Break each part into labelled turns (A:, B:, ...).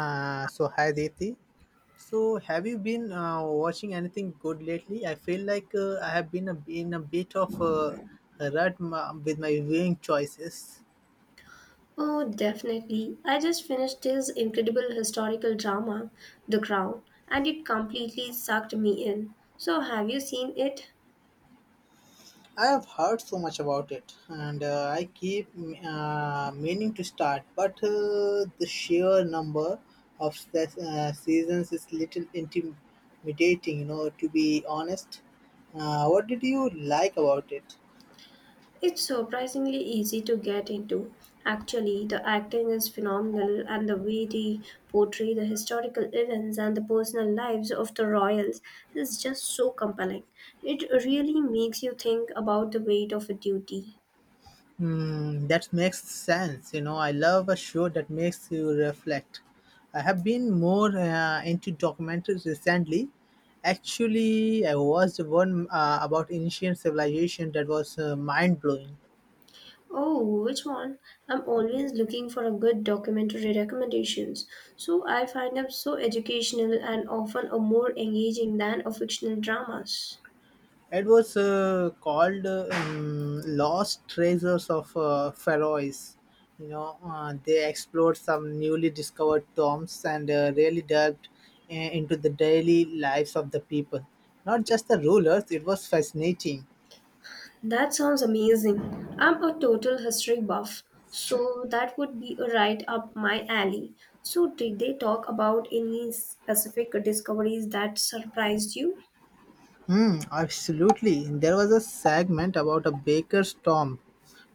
A: So hi Deeti. So have you been watching anything good lately? I feel like I have been in a bit of a rut with my viewing choices.
B: Oh, definitely. I just finished this incredible historical drama, The Crown, and it completely sucked me in. So, have you seen it?
A: I have heard so much about it, and I keep meaning to start, but the sheer number of seasons is little intimidating. You know, to be honest. What did you like about it?
B: It's surprisingly easy to get into. Actually, the acting is phenomenal, and the way they portray the historical events and the personal lives of the royals is just so compelling. It really makes you think about the weight of a duty.
A: Hmm, that makes sense. You know, I love a show that makes you reflect. I have been more into documentaries recently. Actually, I watched one about ancient civilization that was mind blowing.
B: Oh, which one? I'm always looking for a good documentary recommendations. So I find them so educational and often are more engaging than a fictional dramas.
A: It was called Lost Treasures of Faroes." You know, they explored some newly discovered tombs and really delved into the daily lives of the people. Not just the rulers, it was fascinating.
B: That sounds amazing. I'm a total history buff, so that would be a right up my alley. So did they talk about any specific discoveries that surprised you?
A: Hmm, absolutely. There was a segment about a baker's tomb,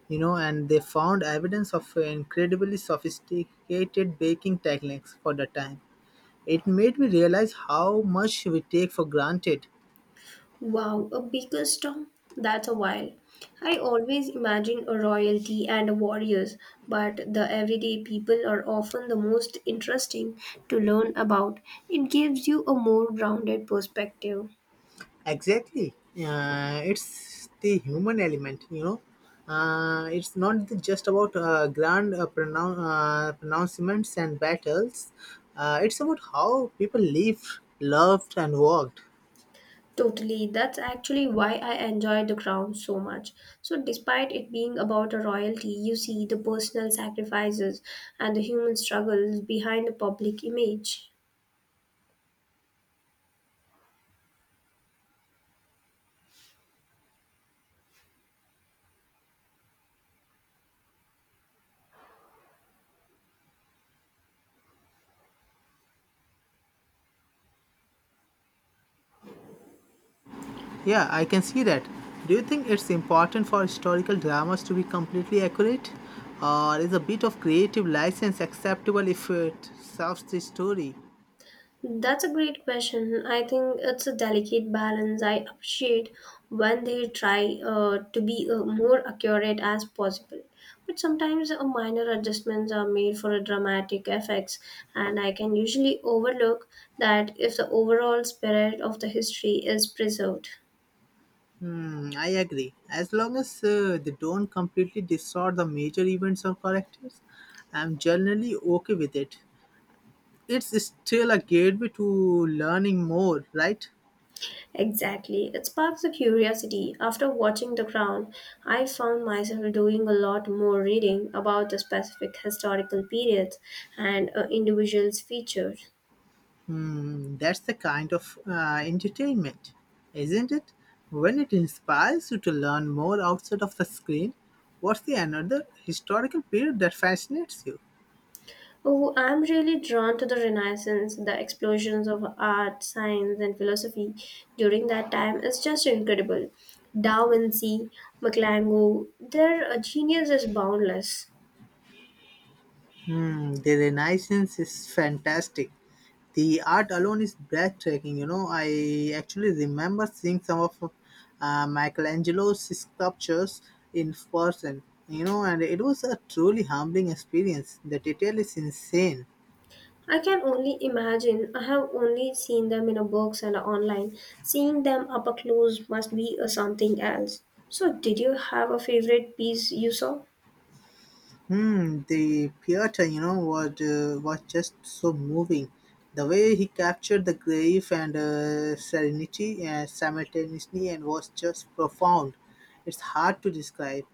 A: and they found evidence of incredibly sophisticated baking techniques for the time. It made me realize how much we take for granted.
B: Wow, a baker's storm? That's a while. I always imagine a royalty and a warriors, but the everyday people are often the most interesting to learn about. It gives you a more grounded perspective.
A: Exactly. It's the human element. It's not just about grand pronouncements and battles. It's about how people lived, loved, and worked.
B: Totally, that's actually why I enjoy The Crown so much. So, despite it being about a royalty, you see the personal sacrifices and the human struggles behind the public image.
A: Yeah, I can see that. Do you think it's important for historical dramas to be completely accurate? Or is a bit of creative license acceptable if it serves the story?
B: That's a great question. I think it's a delicate balance. I appreciate when they try to be more accurate as possible. But sometimes minor adjustments are made for a dramatic effects, and I can usually overlook that if the overall spirit of the history is preserved.
A: Hmm, I agree. As long as they don't completely distort the major events or characters, I'm generally okay with it. It's still a gateway to learning more, right?
B: Exactly. It sparks a curiosity. After watching The Crown, I found myself doing a lot more reading about the specific historical periods and individuals featured.
A: Hmm, that's the kind of entertainment, isn't it? When it inspires you to learn more outside of the screen, what's the another historical period that fascinates you?
B: Oh, I'm really drawn to the Renaissance, the explosions of art, science, and philosophy during that time is just incredible. Da Vinci, Michelangelo, their genius is boundless.
A: Hmm, the Renaissance is fantastic. The art alone is breathtaking. I actually remember seeing some of Michelangelo's sculptures in person. And it was a truly humbling experience. The detail is insane.
B: I can only imagine. I have only seen them in a books and online. Seeing them up a close must be a something else. So, did you have a favorite piece you saw?
A: Hmm, the theater, was just so moving. The way he captured the grief and serenity simultaneously and was just profound. It's hard to describe.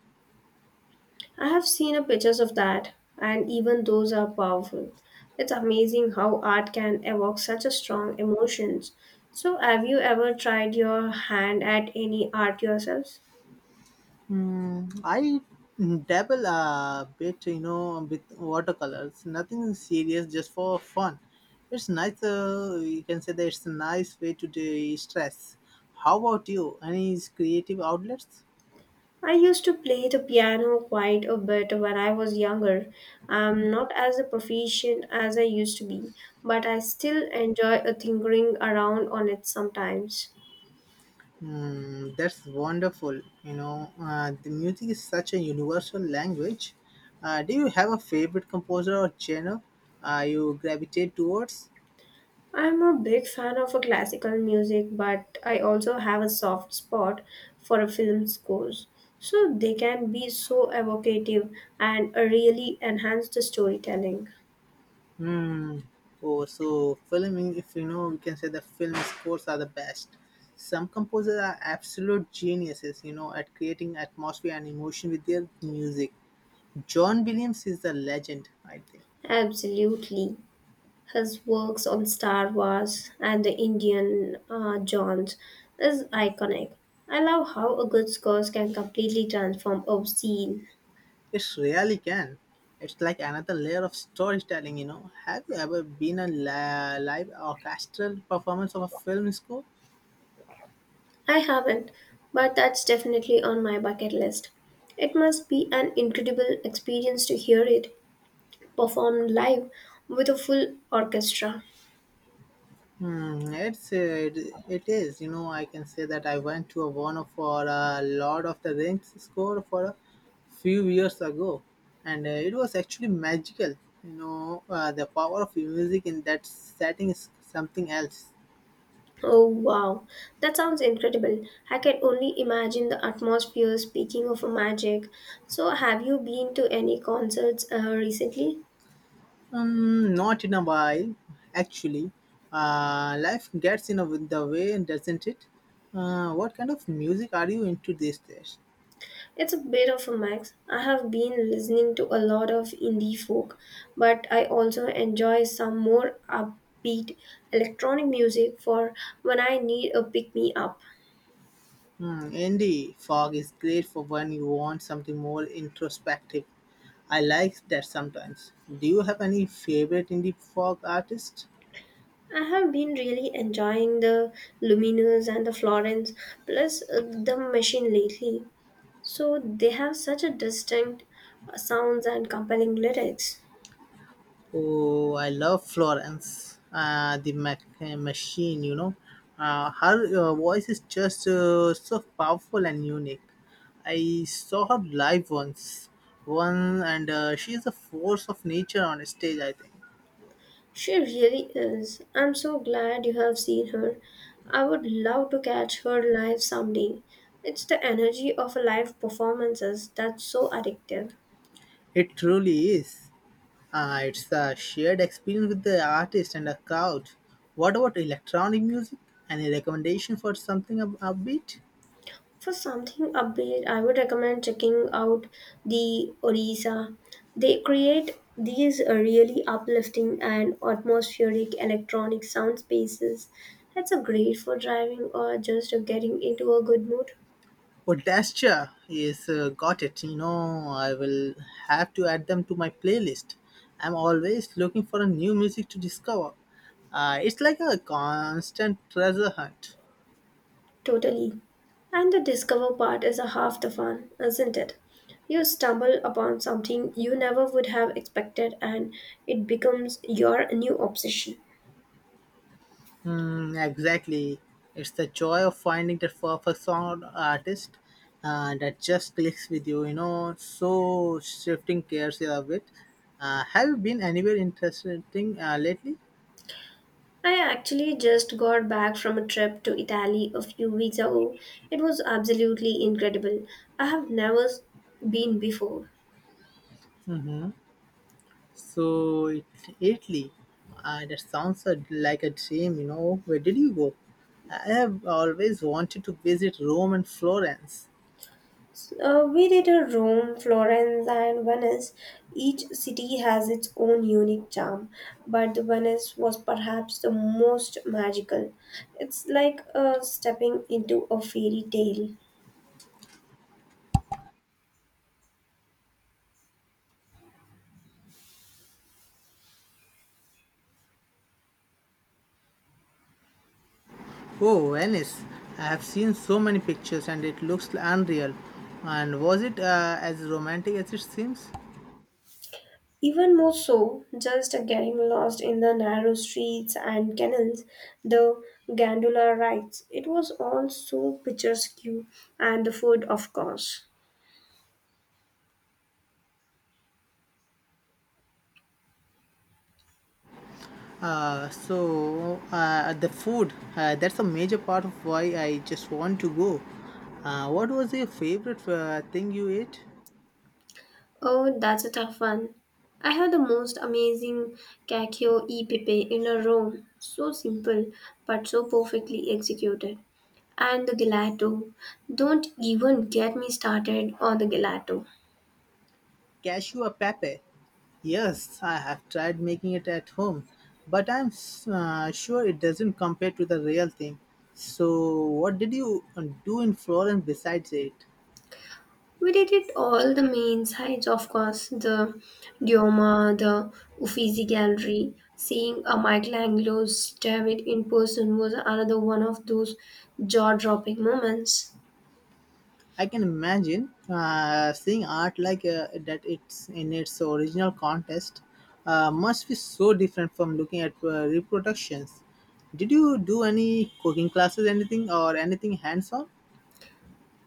B: I have seen a pictures of that, and even those are powerful. It's amazing how art can evoke such a strong emotions. So, have you ever tried your hand at any art yourself?
A: Hmm, I dabble a bit, with watercolors. Nothing serious, just for fun. It's nice. You can say that it's a nice way to de-stress. How about you? Any creative outlets?
B: I used to play the piano quite a bit when I was younger. I'm not as proficient as I used to be, but I still enjoy tinkering around on it sometimes.
A: Hmm, that's wonderful. The music is such a universal language. Do you have a favorite composer or genre you gravitate towards?
B: I'm a big fan of classical music, but I also have a soft spot for a film scores. So they can be so evocative and really enhance the storytelling.
A: Hmm. Oh, so filming, if you know, we can say the film scores are the best. Some composers are absolute geniuses, at creating atmosphere and emotion with their music. John Williams is the legend, I think.
B: Absolutely. His works on Star Wars and the Indian Jones is iconic. I love how a good score can completely transform a scene.
A: It really can. It's like another layer of storytelling. Have you ever been live orchestral performance of a film score?
B: I haven't, but that's definitely on my bucket list. It must be an incredible experience to hear it performed live with a full orchestra.
A: Hmm, it is. I can say that I went to a one for a Lord of the Rings score for a few years ago, and it was actually magical. The power of music in that setting is something else.
B: Oh wow, that sounds incredible. I can only imagine the atmosphere speaking of magic. So, have you been to any concerts recently?
A: Not in a while, actually. Life gets in the way, doesn't it? What kind of music are you into these days?
B: It's a bit of a mix. I have been listening to a lot of indie folk, but I also enjoy some more upbeat electronic music for when I need a pick me up.
A: Hmm, indie fog is great for when you want something more introspective. I like that sometimes. Do you have any favorite indie fog artist?
B: I have been really enjoying the Luminous and the Florence, plus the Machine lately. So they have such a distinct sounds and compelling lyrics.
A: Oh, I love Florence, the machine. Her voice is just so powerful and unique. I saw her live once, and she is a force of nature on stage, I think.
B: She really is. I'm so glad you have seen her. I would love to catch her live someday. It's the energy of live performances that's so addictive.
A: It truly is. It's the shared experience with the artist and the crowd. What about electronic music? Any recommendation for something upbeat?
B: For something upbeat, I would recommend checking out the Orisa. They create these really uplifting and atmospheric electronic sound spaces. That's a great for driving or just getting into a good mood.
A: Podestra is got it. I will have to add them to my playlist. I'm always looking for a new music to discover. It's like a constant treasure hunt.
B: Totally. And the discover part is a half the fun, isn't it? You stumble upon something you never would have expected and it becomes your new obsession.
A: Mm, exactly. It's the joy of finding that perfect song or artist that just clicks with you, you know. So, shifting gears here a bit. Have you been anywhere interesting lately?
B: I actually just got back from a trip to Italy a few weeks ago. It was absolutely incredible. I have never been before.
A: So, Italy. That sounds like a dream. Where did you go? I have always wanted to visit Rome and Florence.
B: So, we did a Rome, Florence, and Venice. Each city has its own unique charm, but the Venice was perhaps the most magical. It's like stepping into a fairy tale.
A: Oh, Venice. I have seen so many pictures and it looks unreal. And was it as romantic as it seems?
B: Even more so, just getting lost in the narrow streets and canals, the gondola rides. It was all so picturesque, and the food, of course.
A: The food, that's a major part of why I just want to go. What was your favorite thing you ate?
B: Oh, that's a tough one. I have the most amazing cacio e pepe in a row. So simple, but so perfectly executed. And the gelato. Don't even get me started on the gelato.
A: Cashew or pepe? Yes, I have tried making it at home, but I'm sure it doesn't compare to the real thing. So, what did you do in Florence besides it?
B: We did it all the main sides, of course, the Dioma, the Uffizi Gallery. Seeing a Michelangelo stab it in person was another one of those jaw dropping moments.
A: I can imagine seeing art like that. It's in its original context must be so different from looking at reproductions. Did you do any cooking classes, anything or anything hands-on?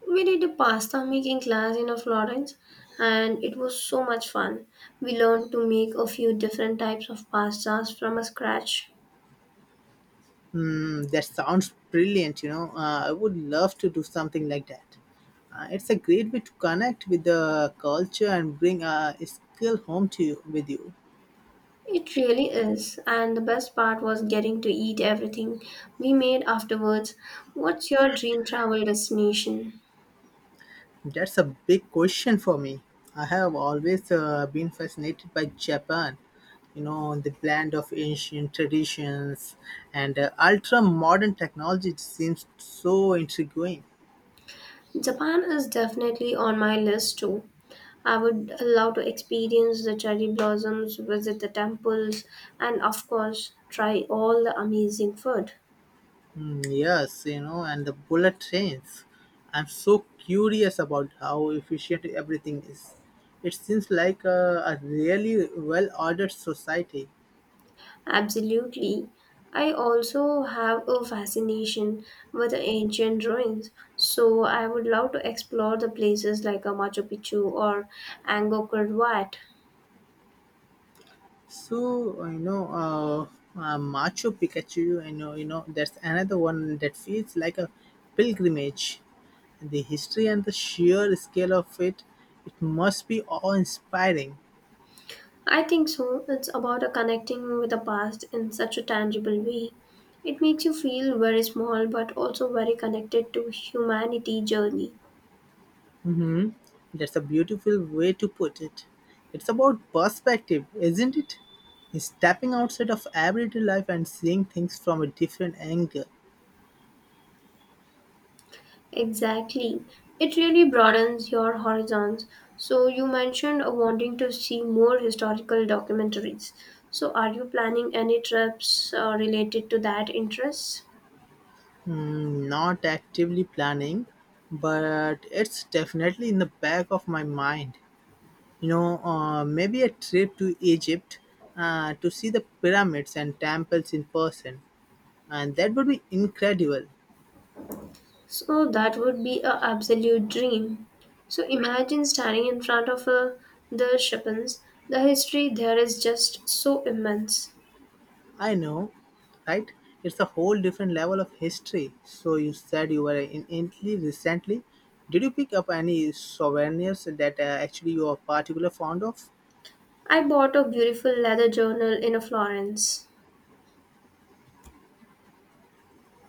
B: We did a pasta making class in Florence and it was so much fun. We learned to make a few different types of pastas from scratch.
A: Hmm, that sounds brilliant. I would love to do something like that. It's a great way to connect with the culture and bring a skill home to you with you.
B: It really is, and the best part was getting to eat everything we made afterwards. What's your dream travel destination?
A: That's a big question for me. I have always been fascinated by Japan, the blend of ancient traditions and ultra modern technology it seems so intriguing.
B: Japan is definitely on my list too. I would love to experience the cherry blossoms, visit the temples, and of course, try all the amazing food.
A: Mm, yes, and the bullet trains. I'm so curious about how efficient everything is. It seems like a really well ordered society.
B: Absolutely. I also have a fascination with the ancient ruins, so I would love to explore the places like a Machu Picchu or Angkor Wat.
A: So I know Machu Picchu. I know you know that's another one that feels like a pilgrimage. The history and the sheer scale of it, it must be awe-inspiring.
B: I think so. It's about a connecting with the past in such a tangible way. It makes you feel very small but also very connected to humanity journey.
A: Hmm. That's a beautiful way to put it. It's about perspective, isn't it? Stepping outside of everyday life and seeing things from a different angle.
B: Exactly. It really broadens your horizons. So, you mentioned wanting to see more historical documentaries. So, are you planning any trips related to that interest?
A: Mm, not actively planning, but it's definitely in the back of my mind. Maybe a trip to Egypt to see the pyramids and temples in person, and that would be incredible.
B: So, that would be an absolute dream. So, imagine standing in front of the Shippens. The history there is just so immense.
A: I know, right? It's a whole different level of history. So you said you were in Italy recently. Did you pick up any souvenirs that actually you are particularly fond of?
B: I bought a beautiful leather journal in a Florence.